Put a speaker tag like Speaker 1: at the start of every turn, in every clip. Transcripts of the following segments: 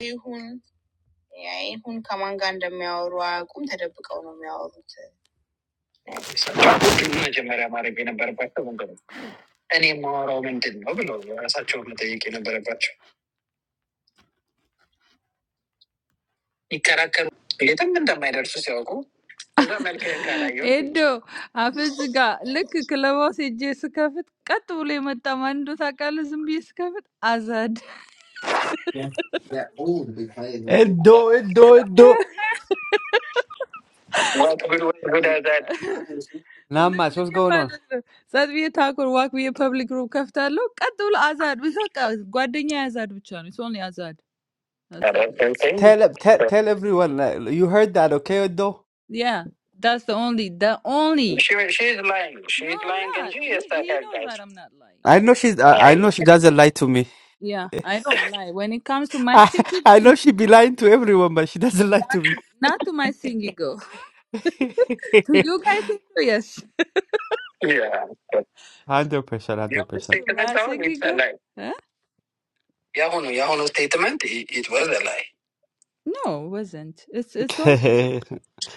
Speaker 1: We are not going to be able to do anything.
Speaker 2: Yeah. That old to be playing with. Edo, Edo, Edo.
Speaker 1: Let
Speaker 2: Namas,
Speaker 1: me
Speaker 2: what's
Speaker 1: hear
Speaker 2: going on?
Speaker 1: that. So we are talking about we are public group. Look, at all, Azad. We talk. Guardian is Azad. It's only Azad. Okay.
Speaker 2: Tell tell tell everyone uh, you heard that, okay, Edo?
Speaker 1: Yeah, that's the only. The only. She she's lying. She's No, I'm lying. Genius. I'm not
Speaker 2: I know she's I, I
Speaker 1: lying.
Speaker 2: know she doesn't lie to me.
Speaker 1: Yeah, I don't lie when it comes to my
Speaker 2: I
Speaker 1: thingy go.
Speaker 2: I know
Speaker 1: no,
Speaker 2: she be lying to everyone, but she doesn't lie
Speaker 1: Not
Speaker 2: to
Speaker 1: to
Speaker 2: me.
Speaker 1: not to my thingy go. To you guys, yes. Yeah. Yeah,
Speaker 2: Hundred percent,
Speaker 1: the
Speaker 2: hundred
Speaker 1: To
Speaker 2: percent.
Speaker 1: statement my though, it's singing a go, lie. huh? Yeah, no, yeah, no statement. It it was a lie. No, it wasn't. It's it's on.
Speaker 2: I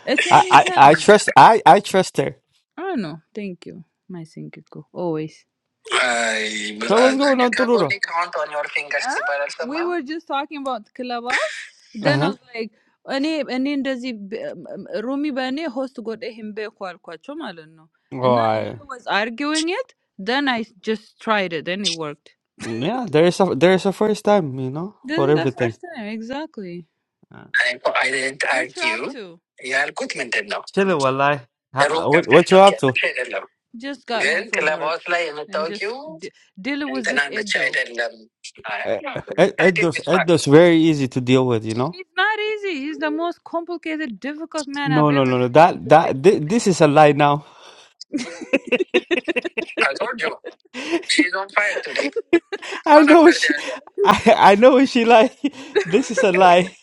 Speaker 1: It's only
Speaker 2: I I
Speaker 1: him.
Speaker 2: trust I I trust her.
Speaker 1: Oh no, thank you, my Sinkiko. Always. I but
Speaker 2: So
Speaker 1: uh,
Speaker 2: what's going
Speaker 1: you
Speaker 2: on,
Speaker 1: can
Speaker 2: Tuluro?
Speaker 1: only count on your fingers. Huh? ሲባል አልሰማህም? We were just talking about Clubhouse.
Speaker 2: Uh
Speaker 1: Then I
Speaker 2: huh.
Speaker 1: was like, እኔ እኔ እንደዚህ በ- ም- ሩሚ በእኔ ሆስት ጎደ ሂምቤ እኮ አልኳቸው ማለት ነው።
Speaker 2: Oh,
Speaker 1: እና
Speaker 2: I
Speaker 1: Ebru was arguing it, then I just tried it and it worked.
Speaker 2: yeah. There is a there is a first time, you know,
Speaker 1: This
Speaker 2: for
Speaker 1: is the
Speaker 2: everything.
Speaker 1: first time, exactly. I, I didn't You argue. tried to. ያልኩት ምንድን ነው?
Speaker 2: Chilling, wallahi. Ha- ha- What, what you up to?
Speaker 1: Just got Gel, home from club like, hostla yine And I told just Tokyo. d- Deal with this Kenan'da çay adult. dedim. Ha,
Speaker 2: Eh,
Speaker 1: I
Speaker 2: eh,
Speaker 1: I did
Speaker 2: Eddo's
Speaker 1: with bak.
Speaker 2: Eddo's very easy to deal with, you know.
Speaker 1: He's not easy. He's the most complicated, difficult man I've
Speaker 2: No, no,
Speaker 1: ever
Speaker 2: no, no.
Speaker 1: seen on
Speaker 2: That
Speaker 1: this
Speaker 2: that
Speaker 1: TikTok.
Speaker 2: thi- this is a lie now.
Speaker 1: I told you. She's on fire today.
Speaker 2: I
Speaker 1: One
Speaker 2: know
Speaker 1: after
Speaker 2: what
Speaker 1: the
Speaker 2: she.
Speaker 1: other.
Speaker 2: I I know what she like. This is a lie.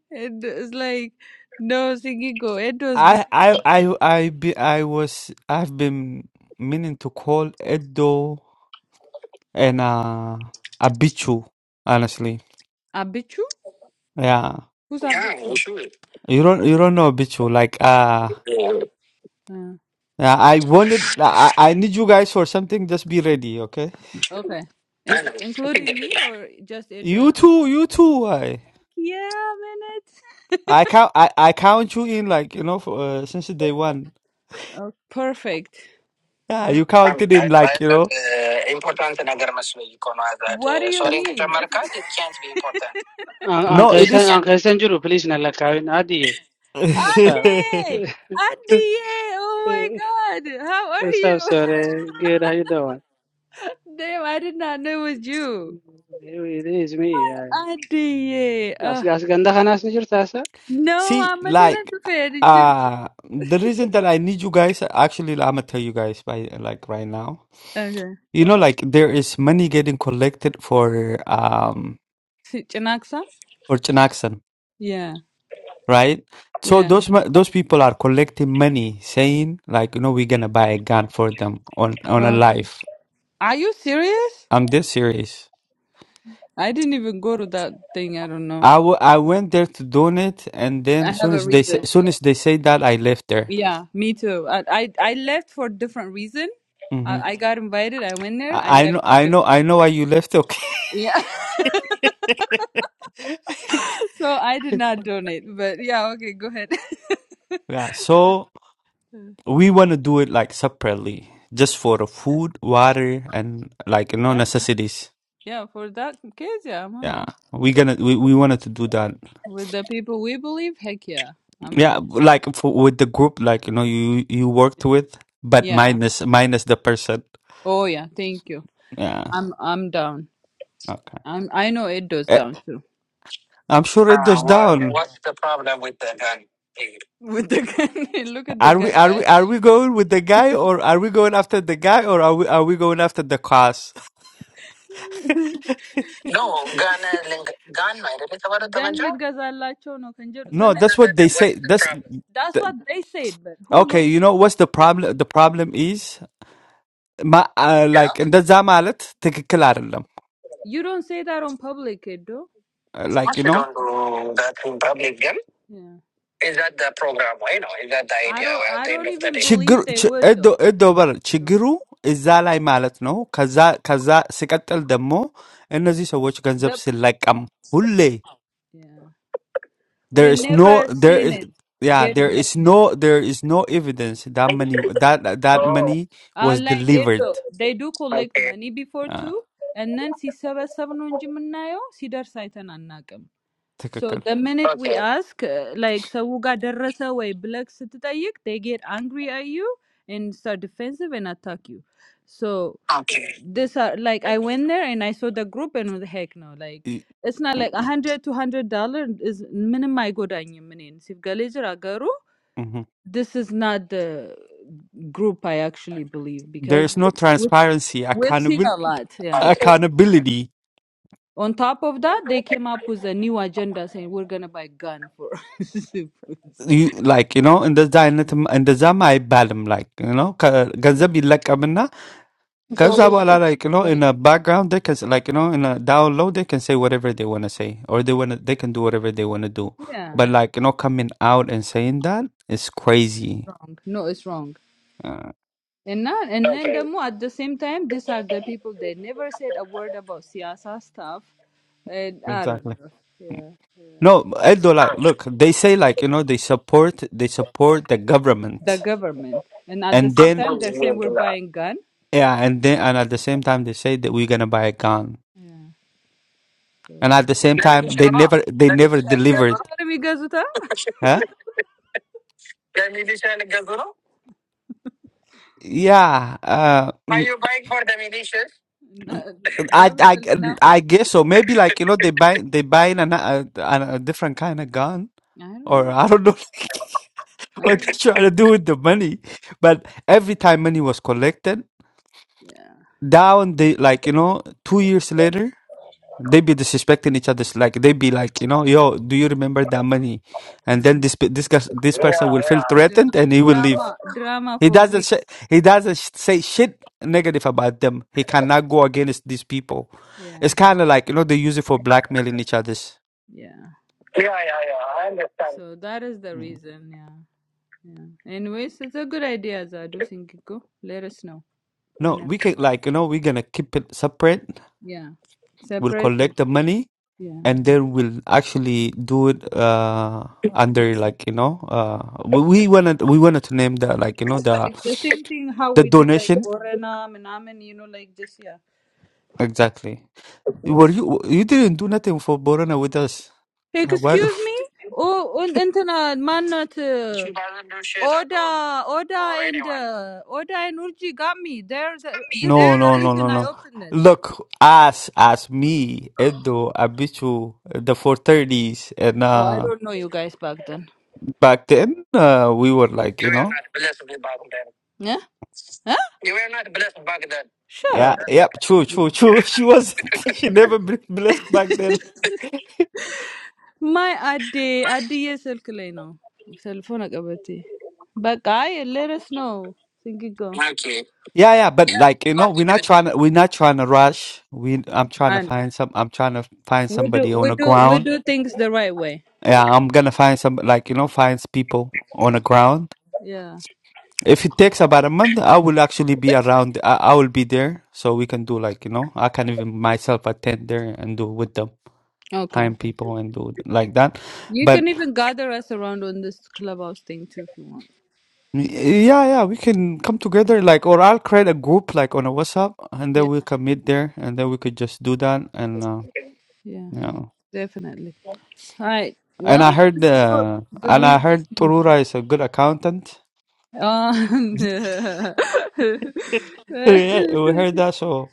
Speaker 1: And it's like, no, Sigigo, it was
Speaker 2: I
Speaker 1: because...
Speaker 2: I I I be I was I've been meaning to call Eddo and uh Abichu. Honestly,
Speaker 1: Abichu?
Speaker 2: yeah.
Speaker 1: Who's Yeah, Abichu? sure.
Speaker 2: You don't you don't know Abichu like uh.
Speaker 1: Yeah. Uh.
Speaker 2: Uh, I wanted, uh, I, I need you guys for something. Just be ready, okay?
Speaker 1: Okay. I In- Anna. including me or just Edo
Speaker 2: You
Speaker 1: and Edwin?
Speaker 2: too, you too. I,
Speaker 1: Yeah, man.
Speaker 2: I count, I, I count you in like you know for, uh, since day one.
Speaker 1: Oh, perfect.
Speaker 2: Yeah,
Speaker 1: Well,
Speaker 2: you
Speaker 1: I mean,
Speaker 2: counted in like you
Speaker 1: ማለት
Speaker 2: know.
Speaker 1: ኢምፖርታንት ነገር መስሎ እኮ ነው አዛድ what do you
Speaker 2: Uh,
Speaker 1: ሶሪን mean? ከጨመርካት it can't be important
Speaker 3: آن آن
Speaker 1: It
Speaker 2: No, it
Speaker 1: just
Speaker 3: قیسن
Speaker 2: is.
Speaker 3: آن
Speaker 1: can't be
Speaker 3: قیسن جرو پلیس نلا کاوین عادیه What's up?
Speaker 1: Ade!
Speaker 3: What's
Speaker 1: Ade! Oh my God! How are you?
Speaker 3: up, sorry. Good, how you doing?
Speaker 1: Damn, I did not know it was you.
Speaker 3: It is me. I.
Speaker 1: Ade!
Speaker 3: As
Speaker 1: Uh,
Speaker 3: as ganda ka nas ni jurta
Speaker 1: no,
Speaker 2: See,
Speaker 1: I'm not an
Speaker 2: like,
Speaker 1: affair. Did you?
Speaker 2: uh, the reason that I need you guys, actually, I'm gonna tell you guys by like right now.
Speaker 1: Okay.
Speaker 2: You know, like there is money getting collected for um
Speaker 1: Si- Chinaksa?
Speaker 2: for Chinaxon.
Speaker 1: Yeah,
Speaker 2: right? So
Speaker 1: yeah.
Speaker 2: those mo- those people are collecting money, saying like, you know, we're gonna buy a gun for them on on a
Speaker 1: Uh,
Speaker 2: life.
Speaker 1: are you serious?
Speaker 2: I'm this serious.
Speaker 1: I didn't even go to that thing. I don't know.
Speaker 2: I wa- I went there to donate, and
Speaker 1: I
Speaker 2: then soon
Speaker 1: have a
Speaker 2: as they
Speaker 1: reason.
Speaker 2: say, soon as they say that, I left there.
Speaker 1: Yeah, me too. I I, I left for different reason. I,
Speaker 2: hmm
Speaker 1: I got invited. I went there. I
Speaker 2: I, I
Speaker 1: left
Speaker 2: know
Speaker 1: for
Speaker 2: I know
Speaker 1: different.
Speaker 2: I know why you left. Okay,
Speaker 1: Yeah, so I did not donate. But yeah, okay, go ahead.
Speaker 2: yeah. So
Speaker 1: Uh,
Speaker 2: we want to do it like separately, just for the
Speaker 1: yeah,
Speaker 2: food, water, and like you know
Speaker 1: yeah,
Speaker 2: necessities.
Speaker 1: yeah. For that case, yeah, I'm on
Speaker 2: Yeah,
Speaker 1: it
Speaker 2: we gonna we we wanted to do that.
Speaker 1: with the people we believe. Heck yeah, I'm in
Speaker 2: Yeah,
Speaker 1: it.
Speaker 2: like for, with the group, like you know, you you worked with, but
Speaker 1: Yeah.
Speaker 2: minus minus the person.
Speaker 1: Oh yeah. Thank you.
Speaker 2: Yeah,
Speaker 1: I'm I'm down.
Speaker 2: okay.
Speaker 1: I'm I know it does
Speaker 2: Eh,
Speaker 1: down too.
Speaker 2: I'm sure it
Speaker 1: Uh,
Speaker 2: goes
Speaker 1: what,
Speaker 2: down.
Speaker 1: what's the problem with the gun? With the gun, look at the
Speaker 2: Are we
Speaker 1: gun
Speaker 2: are
Speaker 1: guy.
Speaker 2: we are we going with the guy or are we going after the guy or are we are we going after the cause?
Speaker 1: No, ኖ ጋን ልንገ- ጋን ነው አይደል የተባለው chono, ጠመንጃው? ልትገዛላቸው
Speaker 2: No, that's what they
Speaker 1: What
Speaker 2: say.
Speaker 1: is the
Speaker 2: That's
Speaker 1: problem? That's
Speaker 2: th-
Speaker 1: what they said, but who
Speaker 2: okay.
Speaker 1: knows?
Speaker 2: You know what's the problem? The problem is, ma, uh,
Speaker 1: Yeah.
Speaker 2: like, and that's ማለት ትክክል አይደለም.
Speaker 1: You don't say that on public, Edo.
Speaker 2: Uh, Like
Speaker 1: What
Speaker 2: you
Speaker 1: you
Speaker 2: know.
Speaker 1: don't do that in public then? Yeah. Is that the program, you know? Is that the I idea I don't at the I end don't of the even day?
Speaker 2: ችግሩ
Speaker 1: believe they
Speaker 2: ች-
Speaker 1: would
Speaker 2: እዶ
Speaker 1: though.
Speaker 2: እዶ በር
Speaker 1: So,
Speaker 2: ችግሩ እዛ ላይ ማለት ነው። ከዛ ከዛ ሲቀጥል ደግሞ እነዚህ ሰዎች ገንዘብ
Speaker 1: The,
Speaker 2: ሲለቀም ሁሌ
Speaker 1: yeah. We
Speaker 2: there is no
Speaker 1: never
Speaker 2: there
Speaker 1: seen
Speaker 2: is
Speaker 1: it
Speaker 2: yeah there
Speaker 1: getting there.
Speaker 2: is no there is no evidence that money that that
Speaker 1: Oh,
Speaker 2: money
Speaker 1: Uh,
Speaker 2: was
Speaker 1: like it,
Speaker 2: delivered
Speaker 1: uh, they do collect okay. money before
Speaker 2: uh,
Speaker 1: too, and then ሲሰበሰብ ነው እንጂ የምናየው ሲደርስ አይተን አናውቅም። So
Speaker 2: ትክክል
Speaker 1: the minute we Okay. ask, uh, like ሰው ጋር ደረሰ ወይ ብለህ ስትጠይቅ, they get angry at you and start defensive and attack you. So Okay. this are like I went there and I saw the group and what the heck no like
Speaker 2: ኢ-
Speaker 1: it's not like a hundred two hundred dollar is ምንም አይጎዳኝም እኔን ሲጋሌጅ
Speaker 2: mhm.
Speaker 1: this is not the group I actually believe
Speaker 2: there
Speaker 1: because
Speaker 2: is no transparency
Speaker 1: we've seen
Speaker 2: accountable
Speaker 1: a lot. Yeah. Okay.
Speaker 2: accountability
Speaker 1: On top of that, they came up with a new agenda saying we're gonna buy gun for. seafoods.
Speaker 2: you like you know እንደዛ አይነት እንደዛም አይባልም like you know ከ- ገንዘብ ይለቀምና ከዛ በኋላ like you know in
Speaker 1: Wait.
Speaker 2: a background they can s- like you know in a download they can say whatever they want to say or they want they can do whatever they want to do
Speaker 1: Yeah.
Speaker 2: but like you know coming out and saying that is
Speaker 1: Yeah.
Speaker 2: crazy
Speaker 1: Wrong. No, it's wrong.
Speaker 2: uh,
Speaker 1: And not and then the Okay. more at the same time, these are the people they never said a word about siyasa stuff, and I
Speaker 2: exactly
Speaker 1: don't know. Yeah.
Speaker 2: no Eldo like look they say like you know they support they support the government
Speaker 1: The government, and at the
Speaker 2: and
Speaker 1: same
Speaker 2: then
Speaker 1: time they say we're buying gun.
Speaker 2: yeah and then and at the same time they say that we're gonna buy a gun
Speaker 1: Yeah.
Speaker 2: and at the same time
Speaker 1: ለሚሊሻ
Speaker 2: they
Speaker 1: ነው
Speaker 2: never they never
Speaker 1: ለሚሊሻ ልገዙ ሚሊሻ ነው
Speaker 2: delivered
Speaker 1: ሚሊሻ ነው የሚገዙት። አ?
Speaker 2: Huh?
Speaker 1: ለሚሊሻ ልገዙ ነው
Speaker 2: Yeah, uh,
Speaker 1: Are
Speaker 2: mm,
Speaker 1: you buying for the militias? Na-
Speaker 2: I, I,
Speaker 1: Definitely not for
Speaker 2: I
Speaker 1: the.
Speaker 2: guess so. Maybe like you know they buy they buying an, a, an, a different kind of gun,
Speaker 1: I don't
Speaker 2: or
Speaker 1: know.
Speaker 2: I don't know
Speaker 1: I
Speaker 2: what
Speaker 1: don't
Speaker 2: they
Speaker 1: know.
Speaker 2: trying to do with the money. But every time money was collected,
Speaker 1: Yeah.
Speaker 2: down they like you know two years later they be disrespecting each other. Like they be like you know yo, do you remember that money? And
Speaker 1: Yeah.
Speaker 2: then this pe- this gus- this
Speaker 1: Yeah,
Speaker 2: person will feel
Speaker 1: yeah. Dra-
Speaker 2: threatened and he will leave.
Speaker 1: drama. Drama
Speaker 2: He
Speaker 1: for
Speaker 2: doesn't
Speaker 1: weeks.
Speaker 2: sh- he doesn't sh- say shit negative about them. He cannot go against these people.
Speaker 1: Yeah.
Speaker 2: It's kind of like you know they use it for blackmailing each other's.
Speaker 1: Yeah. Yeah, yeah, yeah. I understand. So that is the
Speaker 2: Mm.
Speaker 1: reason. Yeah. Yeah. Anyways, it's a good idea, Zadu Singiko. Let us know
Speaker 2: No, we
Speaker 1: whenever.
Speaker 2: can like you know we're gonna keep it separate.
Speaker 1: Yeah.
Speaker 2: We'll
Speaker 1: Surprise them.
Speaker 2: collect the money
Speaker 1: Yeah.
Speaker 2: and then we'll actually do it uh under like you know uh we we wanted we wanted to name the like you know
Speaker 1: Just
Speaker 2: the
Speaker 1: like the same thing how
Speaker 2: the
Speaker 1: we did like
Speaker 2: donation
Speaker 1: Orena and Amen, you know, like this, yeah.
Speaker 2: exactly. Were you you didn't do nothing for Borona with us?
Speaker 1: Hey,
Speaker 2: Uh, Why?
Speaker 1: excuse me? Oh, and Antana, man, not. She doesn't do shit. Oda, Oda, or and anyone. uh, Oda and Urji got me. They're the, this is
Speaker 2: No,
Speaker 1: the
Speaker 2: no, no,
Speaker 1: reason
Speaker 2: no,
Speaker 1: I
Speaker 2: no.
Speaker 1: opened this.
Speaker 2: Look, as as me, Edo, Abichu, uh, the 430s, and
Speaker 1: Oh, I
Speaker 2: uh,
Speaker 1: don't know you guys back then.
Speaker 2: back then uh, we were like,
Speaker 1: You
Speaker 2: you
Speaker 1: were
Speaker 2: know,
Speaker 1: not blessed with back then. Yeah? Huh? You were not blessed back then. Shut
Speaker 2: yeah,
Speaker 1: up.
Speaker 2: yep, true, true, true. She wasn't, she never been blessed back then.
Speaker 1: ማይ አዴ አድዬ ስልክ ላይ ነው ሰልፎን አቀበቴ በቃ አይ ልርስ ነው ስንግጎ
Speaker 2: Yeah, yeah, but like, you know, we're not trying to, we're not trying to rush. We, I'm trying to find some, I'm trying to find
Speaker 1: we do
Speaker 2: somebody
Speaker 1: we
Speaker 2: on the
Speaker 1: do we
Speaker 2: ground.
Speaker 1: do things the right way
Speaker 2: Yeah, I'm gonna find some, like, you know, find people on the ground
Speaker 1: yeah
Speaker 2: If it takes about a month, I will actually be
Speaker 1: it's okay
Speaker 2: around. I, I will be there, so we can do like you know. I can even myself attend there and do with the
Speaker 1: okay
Speaker 2: client people and do like that.
Speaker 1: you can
Speaker 2: But
Speaker 1: even gather us around on this clubhouse thing too if you want
Speaker 2: yeah, yeah, we can come together like, or I'll create a group like on a WhatsApp, and then
Speaker 1: yeah
Speaker 2: we can meet there, and then we could just do that. And uh,
Speaker 1: yeah
Speaker 2: you know,
Speaker 1: definitely all right
Speaker 2: and
Speaker 1: well
Speaker 2: I heard
Speaker 1: this is for
Speaker 2: uh,
Speaker 1: good
Speaker 2: and I
Speaker 1: reason
Speaker 2: heard Torura is a good accountant.
Speaker 1: um,
Speaker 2: Yeah, we heard that, so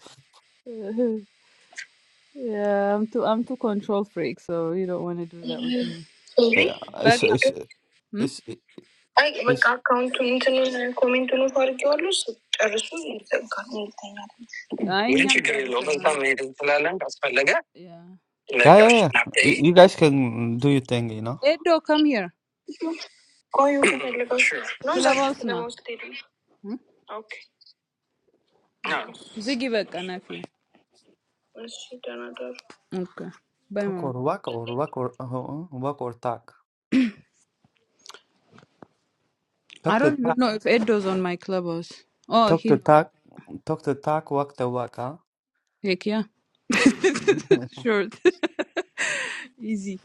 Speaker 1: Yeah, I'm too I'm too control freak, so you don't want to do that with me. Really?
Speaker 2: uh,
Speaker 1: But
Speaker 2: it's it's
Speaker 1: hmm? አይ በቃ
Speaker 2: it's.
Speaker 1: አካውንቱን እንትን ኮሜንቱን ፈርጌዋለሁ። ጨርሱ ይዘጋል። ይተኛል። I ግን am ችግር የለውም። እዛ መሄድ እንችላለን ካስፈለገ። Yeah.
Speaker 2: Yeah, yeah,
Speaker 1: ለጋሽ
Speaker 2: yeah.
Speaker 1: ናፍጠይ
Speaker 2: You, you guys can do your thing, you know.
Speaker 1: Edo, come here. ቆዩ ከፈለጋችሁ Sure. ነው ዛሬ Clubhouse ከተማ now. No, ሄዱ። Hmm? ኦኬ። Ziggy back and I feel. እሺ ደህና ደሩ። Okay. Bye
Speaker 2: Talk
Speaker 1: mom.
Speaker 2: or walk or walk or uh, uh, walk or talk.
Speaker 1: I
Speaker 2: Talk to
Speaker 1: don't even
Speaker 2: talk.
Speaker 1: know if Edo's on my clubhouse. Oh,
Speaker 2: Talk
Speaker 1: he
Speaker 2: to
Speaker 1: no,
Speaker 2: talk. Talk to talk. Walk to walk. Huh?
Speaker 1: heck yeah. sure. Easy.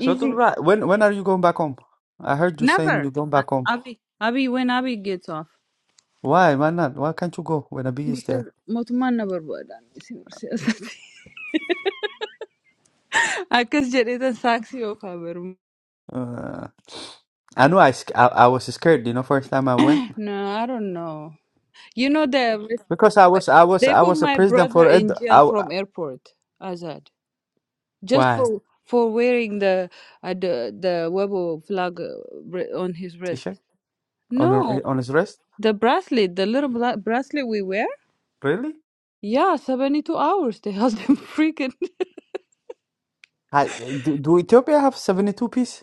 Speaker 2: so to right. When when are you going back home? I heard you saying
Speaker 1: Never.
Speaker 2: you're going
Speaker 1: A-
Speaker 2: back home.
Speaker 1: Abi Abi when Abi gets off.
Speaker 2: Why? Why not? Why can't you go when Abi is
Speaker 1: Because
Speaker 2: there?
Speaker 1: Motuman never would I guess it is a sexy of Haber.
Speaker 2: Uh, I know I, sc- I I was scared. You know, first time I went
Speaker 1: No, I don't know. You know the
Speaker 2: because I was I was
Speaker 1: they
Speaker 2: I
Speaker 1: put
Speaker 2: was a
Speaker 1: my
Speaker 2: president
Speaker 1: brother
Speaker 2: for it.
Speaker 1: in jail
Speaker 2: I, w-
Speaker 1: from airport, Azad. just
Speaker 2: why
Speaker 1: for for wearing the uh, the the Weibo flag uh, br- on his
Speaker 2: t-shirt
Speaker 1: wrist.
Speaker 2: on
Speaker 1: No,
Speaker 2: her- on his wrist?
Speaker 1: the bracelet, the little bla- bracelet we wear.
Speaker 2: Really?
Speaker 1: Yeah, seventy-two hours. They held him freaking.
Speaker 2: I, do, do Ethiopia have seventy two piece?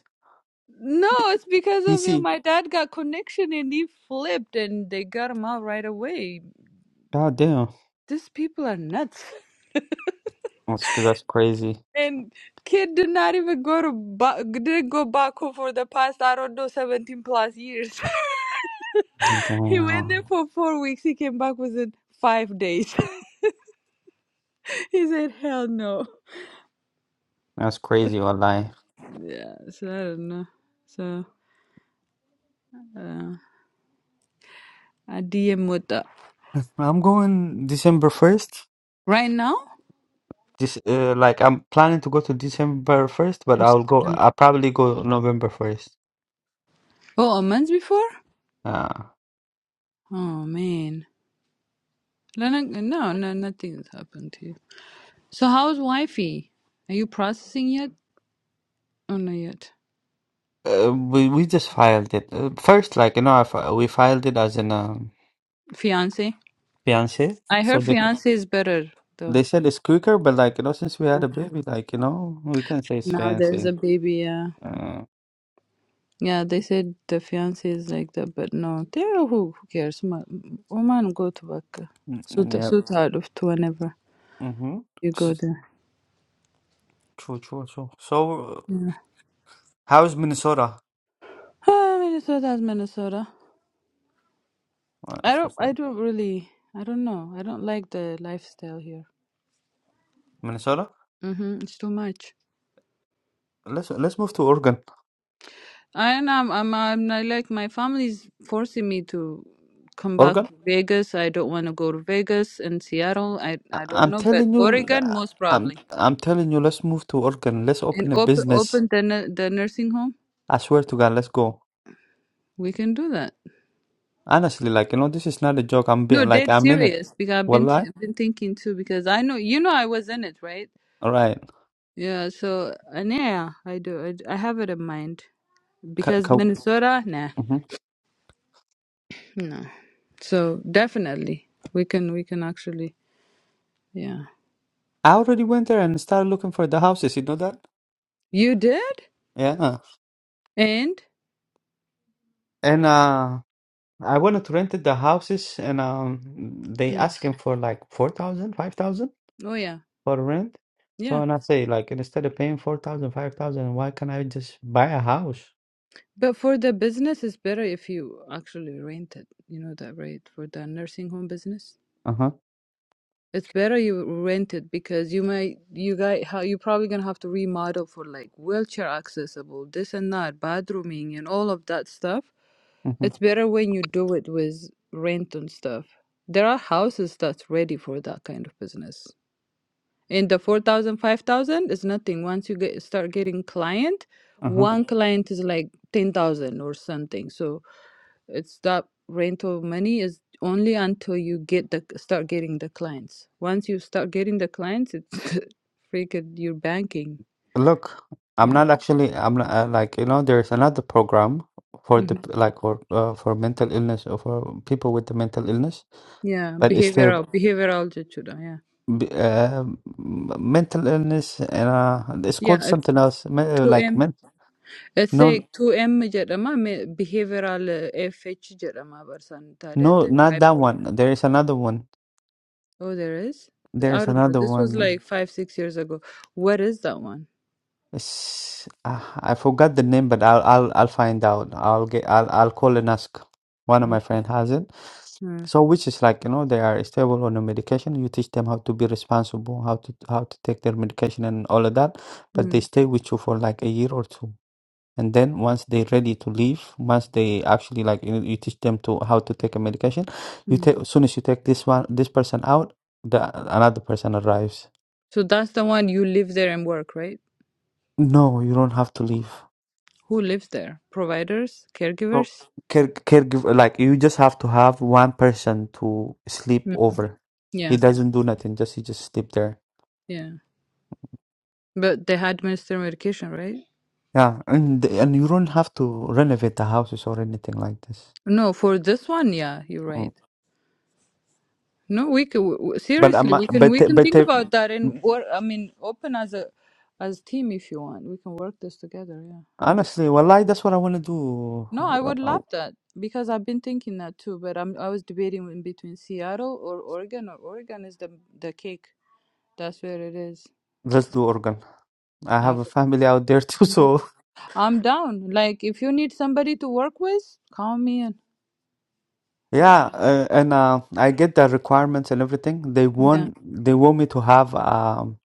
Speaker 1: No, it's because of you.
Speaker 2: PC.
Speaker 1: My dad got connection and he flipped, and they got him out right away.
Speaker 2: God damn.
Speaker 1: These people are nuts.
Speaker 2: That's that's crazy.
Speaker 1: And kid did not even go to ba- didn't go Baku for the past I don't know seventeen plus years. he went there
Speaker 2: Damn.
Speaker 1: for four weeks. He came back within five days. he said, "Hell no."
Speaker 2: That's crazy, wallahi.
Speaker 1: Yeah, so I don't know. So uh, I DM with the
Speaker 2: I'm going December 1st.
Speaker 1: right now.
Speaker 2: This uh, like I'm planning to go to December 1st, but I'll go I'll probably go November 1st.
Speaker 1: Oh, a month before.
Speaker 2: Uh,
Speaker 1: Oh man, Lena- no, no, nothing has happened to you. So how's wifey? Are you processing yet? Oh, not yet.
Speaker 2: uh we we just filed it. Uh, first like you know I, fi- we filed it as an um,
Speaker 1: Fiance.
Speaker 2: fiance.
Speaker 1: I
Speaker 2: So
Speaker 1: heard
Speaker 2: they,
Speaker 1: fiance is better
Speaker 2: they
Speaker 1: though.
Speaker 2: said it's quicker, but like you know since we had a baby like you know we can say it's
Speaker 1: Now there's
Speaker 2: fiance.
Speaker 1: a baby. Yeah,
Speaker 2: Uh,
Speaker 1: yeah. They said the fiance is like that, but no, there who who cares? Ma- woman go to work.
Speaker 2: mm,
Speaker 1: Suit
Speaker 2: mm, yeah.
Speaker 1: suit out of to whenever
Speaker 2: Mhm.
Speaker 1: you go there.
Speaker 2: True, true, true. So,
Speaker 1: Yeah.
Speaker 2: How is Minnesota?
Speaker 1: Ah, Minnesota is Minnesota.
Speaker 2: Well,
Speaker 1: I
Speaker 2: that's
Speaker 1: don't.
Speaker 2: what's
Speaker 1: I
Speaker 2: up.
Speaker 1: don't really. I don't know. I don't like the lifestyle here.
Speaker 2: Minnesota?
Speaker 1: Mm-hmm. It's too much.
Speaker 2: Let's let's move to Oregon.
Speaker 1: I don't know I'm, I'm I'm I like my family's forcing me to come back
Speaker 2: Oregon?
Speaker 1: to Vegas. I don't want to go to Vegas and Seattle. I
Speaker 2: I-
Speaker 1: I don't
Speaker 2: I'm
Speaker 1: know, but
Speaker 2: telling you,
Speaker 1: Oregon most
Speaker 2: I'm
Speaker 1: probably.
Speaker 2: I'm telling you, let's move to Oregon. Let's
Speaker 1: And
Speaker 2: open a
Speaker 1: open
Speaker 2: business.
Speaker 1: open the nu- the nursing home.
Speaker 2: I swear to God, let's go.
Speaker 1: We can do that.
Speaker 2: Honestly, like you know, this is not a joke. I'm
Speaker 1: No,
Speaker 2: being like
Speaker 1: dead
Speaker 2: I'm in it.
Speaker 1: serious because I've been t-
Speaker 2: Wallahi.
Speaker 1: been thinking too because I know you know I was in it, right?
Speaker 2: All right.
Speaker 1: Yeah. So and yeah, I do. I, I have it in mind
Speaker 2: C-
Speaker 1: because
Speaker 2: co-
Speaker 1: Minnesota, nah,
Speaker 2: mhm.
Speaker 1: no. So definitely we can we can actually yeah.
Speaker 2: I already went there and started looking for the houses. You know that?
Speaker 1: You did
Speaker 2: Yeah.
Speaker 1: and.
Speaker 2: And uh, I wanted to rent the houses, and um, they
Speaker 1: Mm.
Speaker 2: asking for like four thousand, five thousand.
Speaker 1: Oh yeah,
Speaker 2: for rent. So
Speaker 1: yeah.
Speaker 2: and I say like instead of paying four thousand, five thousand, why can't I just buy a house?
Speaker 1: But for the business, it's better if you actually rent it. You know that, right? For the nursing home business,
Speaker 2: Uh-huh.
Speaker 1: it's better you rent it because you might, you guys, how you probably gonna have to remodel for like wheelchair accessible, this and that, bathrooming and all of that stuff.
Speaker 2: Uh-huh.
Speaker 1: It's better when you do it with rent and stuff. There are houses that's ready for that kind of business. in the four thousand, five thousand, 5000 is nothing once you get start getting client
Speaker 2: Uh-huh.
Speaker 1: one client is like 10000 or something so it's that rental money is only until you get the start getting the clients once you start getting the clients it's freaking your banking
Speaker 2: Look, I'm
Speaker 1: yeah
Speaker 2: not actually I'm not uh, like you know there's another program for
Speaker 1: hmm
Speaker 2: the like for uh, for mental illness or for people with the mental illness,
Speaker 1: yeah
Speaker 2: but it's still
Speaker 1: behavioral behavioral جدا, yeah
Speaker 2: b- uh, m- mental illness and uh it's
Speaker 1: yeah
Speaker 2: called
Speaker 1: it's
Speaker 2: something else me- uh, like
Speaker 1: 2m
Speaker 2: men
Speaker 1: it's
Speaker 2: no
Speaker 1: like 2m جدما behavioral uh, fh جدما برسان تاريخ
Speaker 2: no not that
Speaker 1: bipolar.
Speaker 2: one. There is another one.
Speaker 1: Oh, there is? Th-
Speaker 2: There
Speaker 1: I
Speaker 2: is
Speaker 1: don't know.
Speaker 2: another
Speaker 1: This was
Speaker 2: one.
Speaker 1: like five, six years ago. Where is that one?
Speaker 2: It's, ah, I forgot the name, but I'll I'll I'll find out. I'll get I'll I'll call and ask. One of my
Speaker 1: Mm,
Speaker 2: friend has it.
Speaker 1: mm,
Speaker 2: So which is like, you know, they are stable on the medication. You teach them how to be responsible, how to how to take their medication and all of that, but they
Speaker 1: mm,
Speaker 2: stay with you for like a year or two. And then once they're ready to leave, once they actually like you, you teach them to how to take a medication, you
Speaker 1: mm.
Speaker 2: take as soon as you take this one this person out, the another person arrives.
Speaker 1: So that's the one you live there and work, right?
Speaker 2: No, you don't have to leave.
Speaker 1: Who lives there? Providers?
Speaker 2: pro-
Speaker 1: Caregivers?
Speaker 2: care caregiver like you just have to have one person to sleep
Speaker 1: Mm.
Speaker 2: over he
Speaker 1: Yeah,
Speaker 2: doesn't do nothing just he just sleep there
Speaker 1: yeah. But they administer medication, right?
Speaker 2: yeah and and you don't have to renovate the houses or anything like this
Speaker 1: No, for this one, yeah, you're
Speaker 2: Mm.
Speaker 1: right. No, we can w- w-
Speaker 2: but um,
Speaker 1: seriously, we can
Speaker 2: but
Speaker 1: we can
Speaker 2: but
Speaker 1: think
Speaker 2: uh,
Speaker 1: about that and work. I mean, open as a as team if you want. We can work this together. Yeah, 100
Speaker 2: honestly wallahi that's what i want to do
Speaker 1: No, I
Speaker 2: Uh,
Speaker 1: would
Speaker 2: uh,
Speaker 1: love that because I've been thinking that too. But I'm I was debating in between Seattle or Oregon, or Oregon is the the cake. That's where it is.
Speaker 2: let's
Speaker 1: So
Speaker 2: do organ i
Speaker 1: I,
Speaker 2: have a family out there too so
Speaker 1: I'm down. Like if you need somebody to work with, call me in. Yeah,
Speaker 2: yeah uh, and uh, i get the requirements and everything they
Speaker 1: yeah.
Speaker 2: want they want me to have um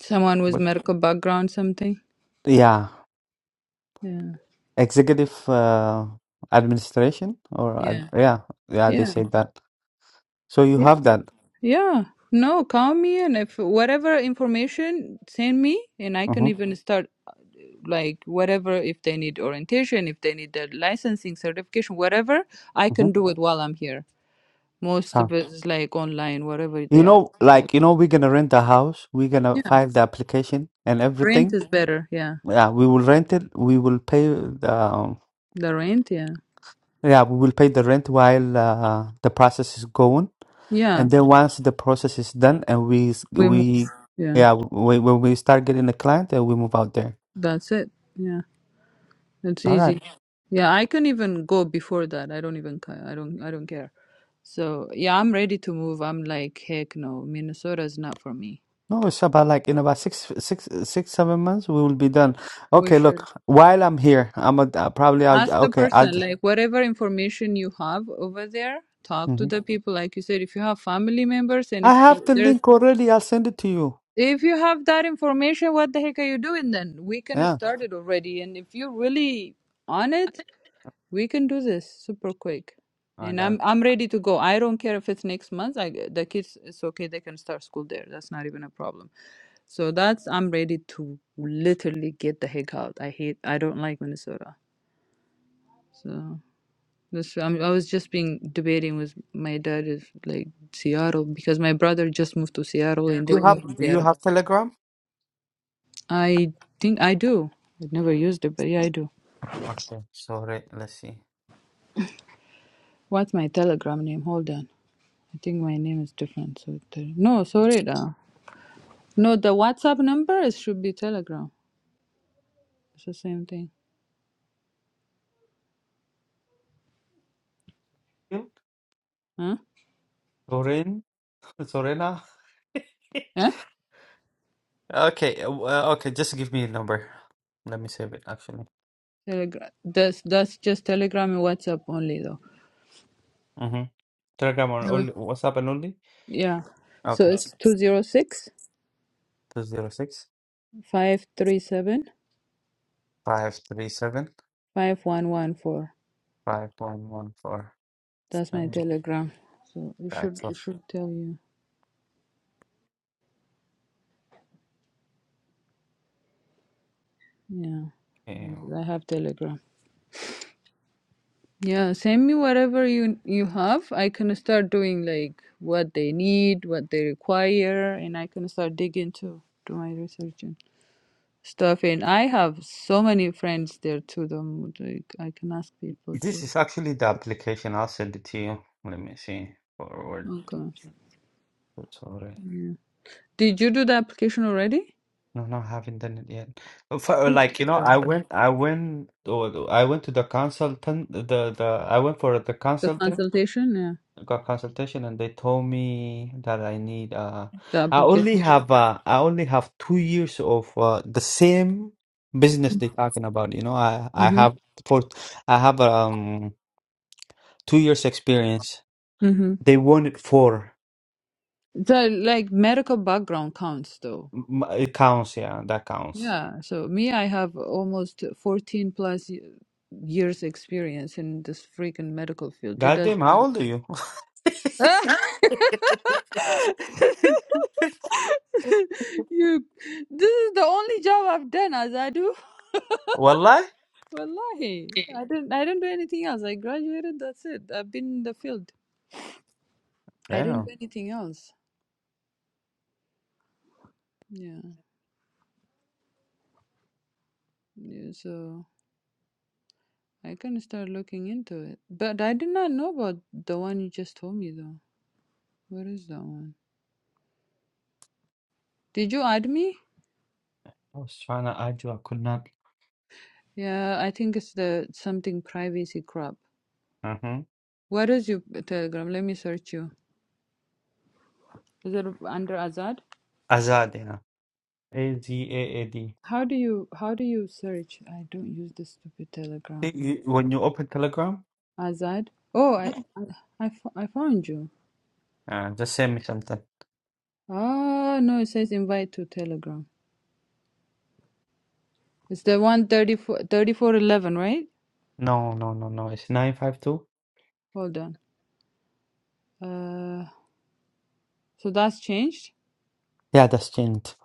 Speaker 1: Someone with
Speaker 2: what-
Speaker 1: medical background, something.
Speaker 2: yeah
Speaker 1: Yeah,
Speaker 2: executive uh, administration or ad-
Speaker 1: yeah,
Speaker 2: yeah yeah they
Speaker 1: yeah,
Speaker 2: say that so you
Speaker 1: yeah,
Speaker 2: have that
Speaker 1: yeah. No, call me in. If whatever information, send me, and I can
Speaker 2: uh-huh,
Speaker 1: even start. like whatever if they need orientation if they need the licensing certification whatever i
Speaker 2: uh-huh.
Speaker 1: can do it while i'm here most of
Speaker 2: so
Speaker 1: it is like online whatever
Speaker 2: you
Speaker 1: they are
Speaker 2: know
Speaker 1: like
Speaker 2: like you know we're gonna rent a house we're gonna
Speaker 1: yeah
Speaker 2: file the application and
Speaker 1: rent
Speaker 2: everything
Speaker 1: is better yeah
Speaker 2: yeah we will rent it we will pay the um,
Speaker 1: the rent yeah
Speaker 2: yeah we will pay the rent while uh, the process is going
Speaker 1: yeah
Speaker 2: and then once the process is done and we s-
Speaker 1: we move
Speaker 2: we
Speaker 1: yeah
Speaker 2: yeah we, when we start getting a client then we move out there
Speaker 1: that's it yeah it's
Speaker 2: all right
Speaker 1: easy yeah i can even go before that i don't even ca- i don't i don't care so yeah i'm ready to move i'm like heck no minnesota's not for me
Speaker 2: No, it's about like in about six, six, six, seven months we will be done.
Speaker 1: we
Speaker 2: Okay,
Speaker 1: should
Speaker 2: look, while I'm here, I'm a, uh, probably I'll
Speaker 1: ask the
Speaker 2: okay, I'll
Speaker 1: person like whatever information you have over there talk to
Speaker 2: hmm
Speaker 1: the people like you said if you have family members and
Speaker 2: I
Speaker 1: if so,
Speaker 2: have the
Speaker 1: there's
Speaker 2: link already. I'll send it to you.
Speaker 1: if you have that information what the heck are you doing then we can
Speaker 2: Yeah,
Speaker 1: start it already and if you're really on it we can do this super quick
Speaker 2: I
Speaker 1: and
Speaker 2: got
Speaker 1: i'm i'm ready to go i don't care if it's next month i the kids it's okay they can start school there that's not even a problem so that's i'm ready to literally get the heck out i hate i don't like minnesota so That's, I'm, I was just being debating with my dad is like Seattle because my brother just moved to Seattle
Speaker 2: it.
Speaker 1: and they
Speaker 2: Do You have
Speaker 1: went to
Speaker 2: do you
Speaker 1: Seattle.
Speaker 2: have Telegram?
Speaker 1: I think I do. I've never used it, but yeah, I do.
Speaker 2: Okay, sorry, let's see.
Speaker 1: What's my Telegram name? Hold on. I think my name is different. So it- uh, no, sorry. Uh, no, the WhatsApp number it should be Telegram. It's the same thing.
Speaker 2: Hmm?
Speaker 1: Huh?
Speaker 2: Sorin, Sorena.
Speaker 1: Yeah.
Speaker 2: Okay, uh, uh, okay, just give me a number. Let me save it actually.
Speaker 1: Telegram. That's that's just Telegram and WhatsApp only though.
Speaker 2: Mm-hmm. Telegram or
Speaker 1: Seven.
Speaker 2: only WhatsApp and only?
Speaker 1: Yeah. So
Speaker 2: Okay,
Speaker 1: it's two zero six
Speaker 2: two zero six
Speaker 1: five three seven
Speaker 2: five three seven
Speaker 1: five one one four.
Speaker 2: five one one four.
Speaker 1: That's my Telegram. So it
Speaker 2: Right,
Speaker 1: should it should tell you. Yeah,
Speaker 2: Yeah.
Speaker 1: I have Telegram. Yeah, send me whatever you you have. I can start doing like what they need, what they require, and I can start digging too. do my research and stuff. And I have so many friends there too. Them like I can ask people to.
Speaker 2: This is actually the application. I'll send it to you. Let me see. Forward.
Speaker 1: Okay.
Speaker 2: It's alright.
Speaker 1: Yeah. Did you do the application already?
Speaker 2: No, no, I haven't done it yet. Uh, For, uh,
Speaker 1: Yes.
Speaker 2: like you know, I went, I went, oh, I went to the consultant. The the I went for the
Speaker 1: The
Speaker 2: consultant,
Speaker 1: consultation. Yeah.
Speaker 2: got consultation, and they told me that I need. Uh,
Speaker 1: The
Speaker 2: I only
Speaker 1: application.
Speaker 2: have. Uh, I only have two years of uh, the same business they're talking about. You know, I I
Speaker 1: Mm-hmm.
Speaker 2: have for I have um two years experience.
Speaker 1: Mm-hmm.
Speaker 2: They wanted four.
Speaker 1: So, like medical background counts though.
Speaker 2: M- It counts, yeah, that counts.
Speaker 1: Yeah. So me, I have almost 14 plus y- years experience in this freaking medical field. It
Speaker 2: Goddamn,
Speaker 1: doesn't
Speaker 2: how
Speaker 1: matter.
Speaker 2: old are you?
Speaker 1: you, this is the only job I've done as I do.
Speaker 2: Wallahi?
Speaker 1: Wallahi, I didn't. I didn't do anything else. I graduated. That's it. I've been in the field. I didn't
Speaker 2: Damn.
Speaker 1: do anything else. Yeah. yeah so I can start looking into it. But I did not know about the one you just told me though. What is that one? Did you add me?
Speaker 2: I was trying to add you, I could not.
Speaker 1: Yeah, I think it's the something privacy crap.
Speaker 2: Mm-hmm.
Speaker 1: What is your Telegram? Let me search you. Is it under Azad?
Speaker 2: Azad, yeah. A Z A A D.
Speaker 1: How do you how do you search? I don't use the stupid Telegram.
Speaker 2: Y- y- When you open Telegram,
Speaker 1: Azad? Oh, I I, I fo- I found you.
Speaker 2: uh, just send me something.
Speaker 1: Oh, no, it says invite to Telegram. It's the one thirty four thirty four eleven, right?
Speaker 2: No, no, no, no. It's 952.
Speaker 1: Hold on. Uh, so that's changed.
Speaker 2: Yeah, that's changed.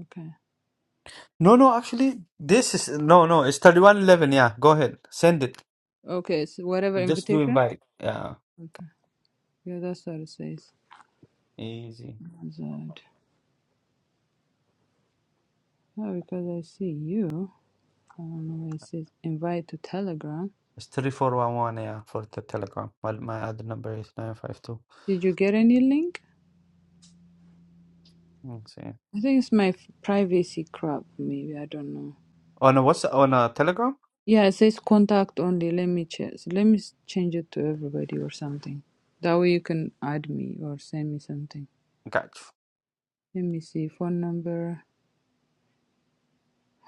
Speaker 1: Okay.
Speaker 2: No, no, actually, this is. No, no, it's 3111. Yeah, go ahead. Send it.
Speaker 1: Okay, it's whatever
Speaker 2: Just do
Speaker 1: invitation.
Speaker 2: invite. Yeah,
Speaker 1: Okay. Yeah, that's what it says.
Speaker 2: easy.
Speaker 1: Azad. Oh, because I see you. Oh no, it says invite to Telegram.
Speaker 2: It's 3411, yeah, for the Telegram. Well, my other number is 952.
Speaker 1: Did you get any link? I think it's my f- privacy crap, maybe. I don't know.
Speaker 2: On a what's on a Telegram?
Speaker 1: Yeah, it says contact only. Let me check. So Let me s- change it to everybody or something. That way you can add me or send me something.
Speaker 2: Got
Speaker 1: Let me see. Phone number.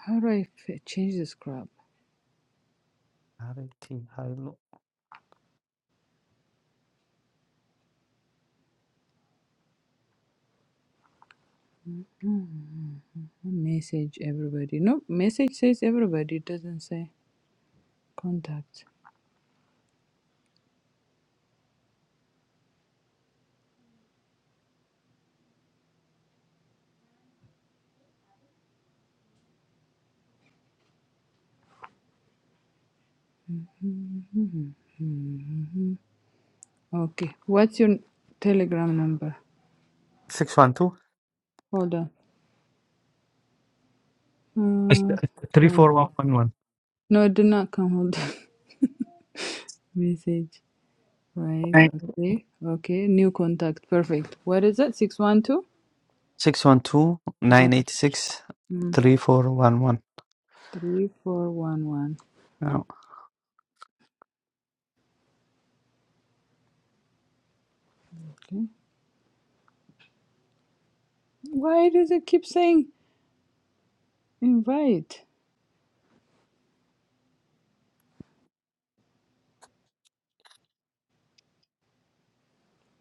Speaker 1: How do I f- change this crap?
Speaker 2: you.
Speaker 1: Hmm, Message everybody. No, message says everybody. It doesn't say contact. Hmm, hmm, hmm, hmm, hmm. Okay. What's your telegram number?
Speaker 2: Six one two.
Speaker 1: Hold on. Uh,
Speaker 2: Three
Speaker 1: hold. on.
Speaker 2: four one one
Speaker 1: No, it did not come. Hold on. Message. Right.
Speaker 2: one.
Speaker 1: Okay. Okay. New contact. Perfect. What is that? 612?
Speaker 2: Six one two
Speaker 1: Uh,
Speaker 2: nine eight six
Speaker 1: mm,
Speaker 2: three four one one.
Speaker 1: 3411.
Speaker 2: Now,
Speaker 1: Why does it keep saying invite?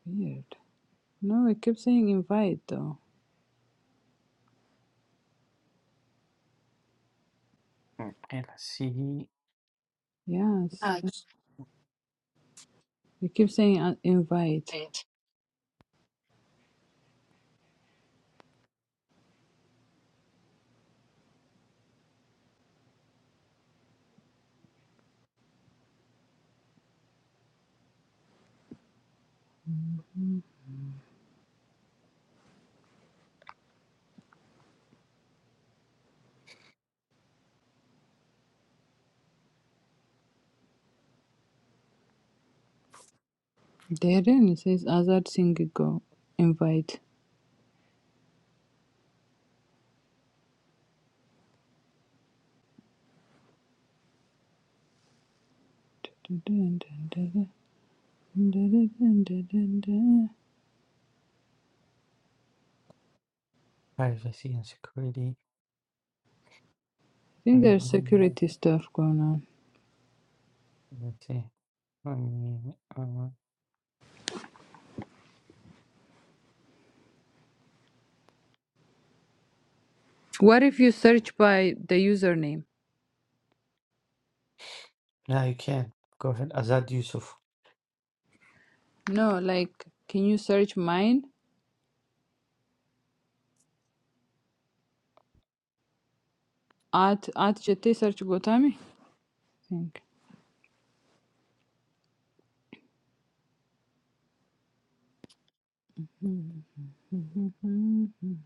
Speaker 1: Weird. No, it keeps saying invite though.
Speaker 2: okay, let's see.
Speaker 1: Yes. It keeps saying uh, invite. Mm. There then it says Azad Singigo. Invite. Dun, dun, dun, dun, dun, dun, dun, dun, dun, dun.
Speaker 2: Privacy and security.
Speaker 1: think there's
Speaker 2: Mm,
Speaker 1: security stuff going on.
Speaker 2: Let's see. Um, uh,
Speaker 1: What if you search by the username?
Speaker 2: Now you can go ahead. Azad Yusuf.
Speaker 1: No, like, can you search mine? At at JT search Gotami? think. Mhm.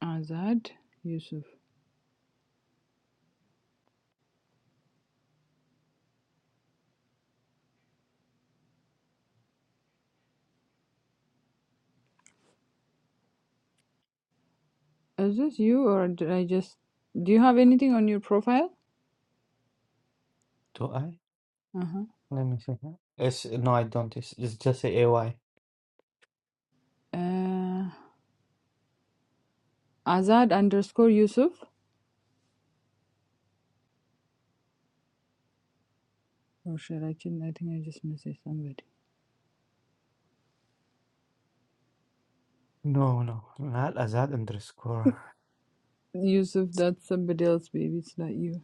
Speaker 1: Azad Yusuf. Is this you or did I just? Do you have anything on your profile?
Speaker 2: Do I?
Speaker 1: Uh-huh.
Speaker 2: Let me see. It's no, I don't. It's, it's just a AY.
Speaker 1: Uh Azad underscore Yusuf. Oh shit! I can I think I just messaged somebody.
Speaker 2: No, no, not Azad underscore.
Speaker 1: Yusuf, that's somebody else, baby. It's not you.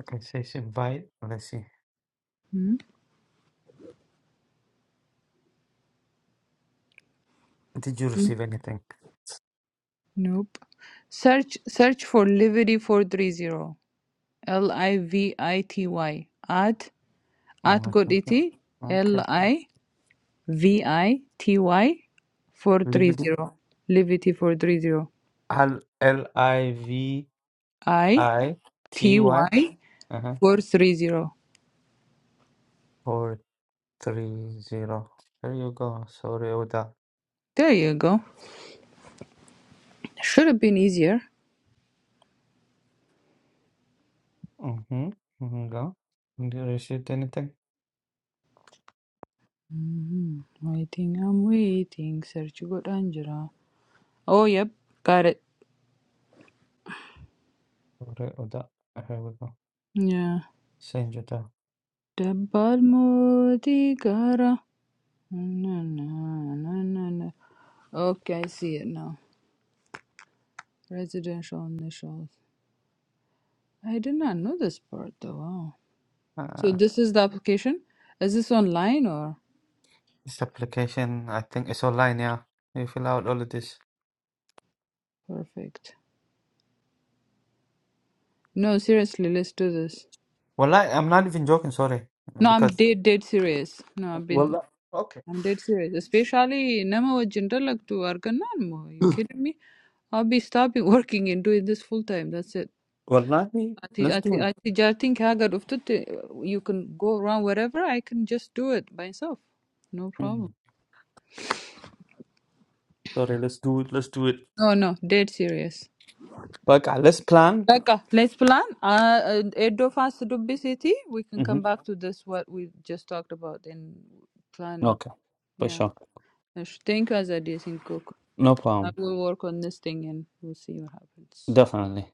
Speaker 2: Okay, it says invite. Let's see.
Speaker 1: Hmm?
Speaker 2: Did you receive anything?
Speaker 1: Nope. Search search for Livery four three zero. L I V I T Y at at
Speaker 2: Oh, I think that-
Speaker 1: Goditi L
Speaker 2: Okay.
Speaker 1: I V I T Y four three
Speaker 2: Liberty.
Speaker 1: zero. Livity four three zero.
Speaker 2: L L I V
Speaker 1: I
Speaker 2: I
Speaker 1: T
Speaker 2: T Y.
Speaker 1: Y
Speaker 2: Uh-huh.
Speaker 1: four three zero.
Speaker 2: Four three zero. There you go. Sorry, Oda.
Speaker 1: There you go. Should have been easier.
Speaker 2: Mm-hmm. Mm-hmm. Go. Did you receive anything?
Speaker 1: Mhm. Waiting, I'm waiting. Search good Angela. Oh yep, got it.
Speaker 2: Sorry, Oda. Here we go.
Speaker 1: Yeah.
Speaker 2: Send you the.
Speaker 1: Dabbal No, no, no, no, no. no. Okay, I see it now. Residential initials. I did not know this part though. Wow. So
Speaker 2: Uh,
Speaker 1: this is the application? Is this online or?
Speaker 2: this application, I think it's online. Yeah, you fill out all of this.
Speaker 1: Perfect. No, seriously, let's do this.
Speaker 2: Well, I, I'm not even joking. Sorry,
Speaker 1: No, I'm
Speaker 2: because
Speaker 1: dead, dead serious. No, I've been,
Speaker 2: well, okay.
Speaker 1: I'm dead serious. Especially, nama wajinta lag tu arganan mo. You kidding me? I'll be stopping working and doing this full time. That's it.
Speaker 2: Well, let me.
Speaker 1: At the,
Speaker 2: Let's
Speaker 1: at the,
Speaker 2: do it.
Speaker 1: at the jarting hagar of you can go around wherever. I can just do it myself. No problem.
Speaker 2: Mm. Sorry, let's do it. Let's do it.
Speaker 1: No, no, dead serious.
Speaker 2: But God, let's plan.
Speaker 1: Like, uh, let's plan. Uh, uh, Edo fast to be city. We can
Speaker 2: hmm
Speaker 1: come back to this what we just talked about and plan.
Speaker 2: Okay, for
Speaker 1: Yeah,
Speaker 2: sure.
Speaker 1: I should think as I did decent cook.
Speaker 2: No
Speaker 1: I
Speaker 2: problem.
Speaker 1: will work on this thing and we'll see what happens.
Speaker 2: Definitely.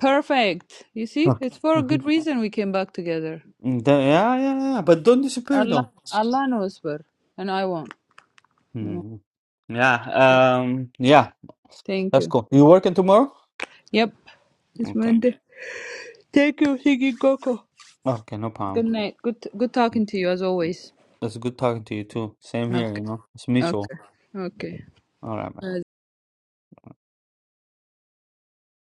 Speaker 1: Perfect. You see,
Speaker 2: Okay.
Speaker 1: it's for a
Speaker 2: hmm
Speaker 1: good reason we came back together.
Speaker 2: yeah, yeah, yeah. But don't disappear
Speaker 1: Allah,
Speaker 2: though.
Speaker 1: Allah knows where, and I won't. No,
Speaker 2: hmm Yeah. Um. Yeah.
Speaker 1: Thank
Speaker 2: That's
Speaker 1: you.
Speaker 2: cool. You working tomorrow?
Speaker 1: Yep. It's
Speaker 2: Okay.
Speaker 1: Monday. Thank you, Higgy Coco.
Speaker 2: Okay. No
Speaker 1: Good
Speaker 2: problem.
Speaker 1: night. Good good talking to you as always.
Speaker 2: That's good talking to you too. Same here. You
Speaker 1: Okay.
Speaker 2: know, it's mutual.
Speaker 1: Okay. Okay.
Speaker 2: All right.
Speaker 1: Bye.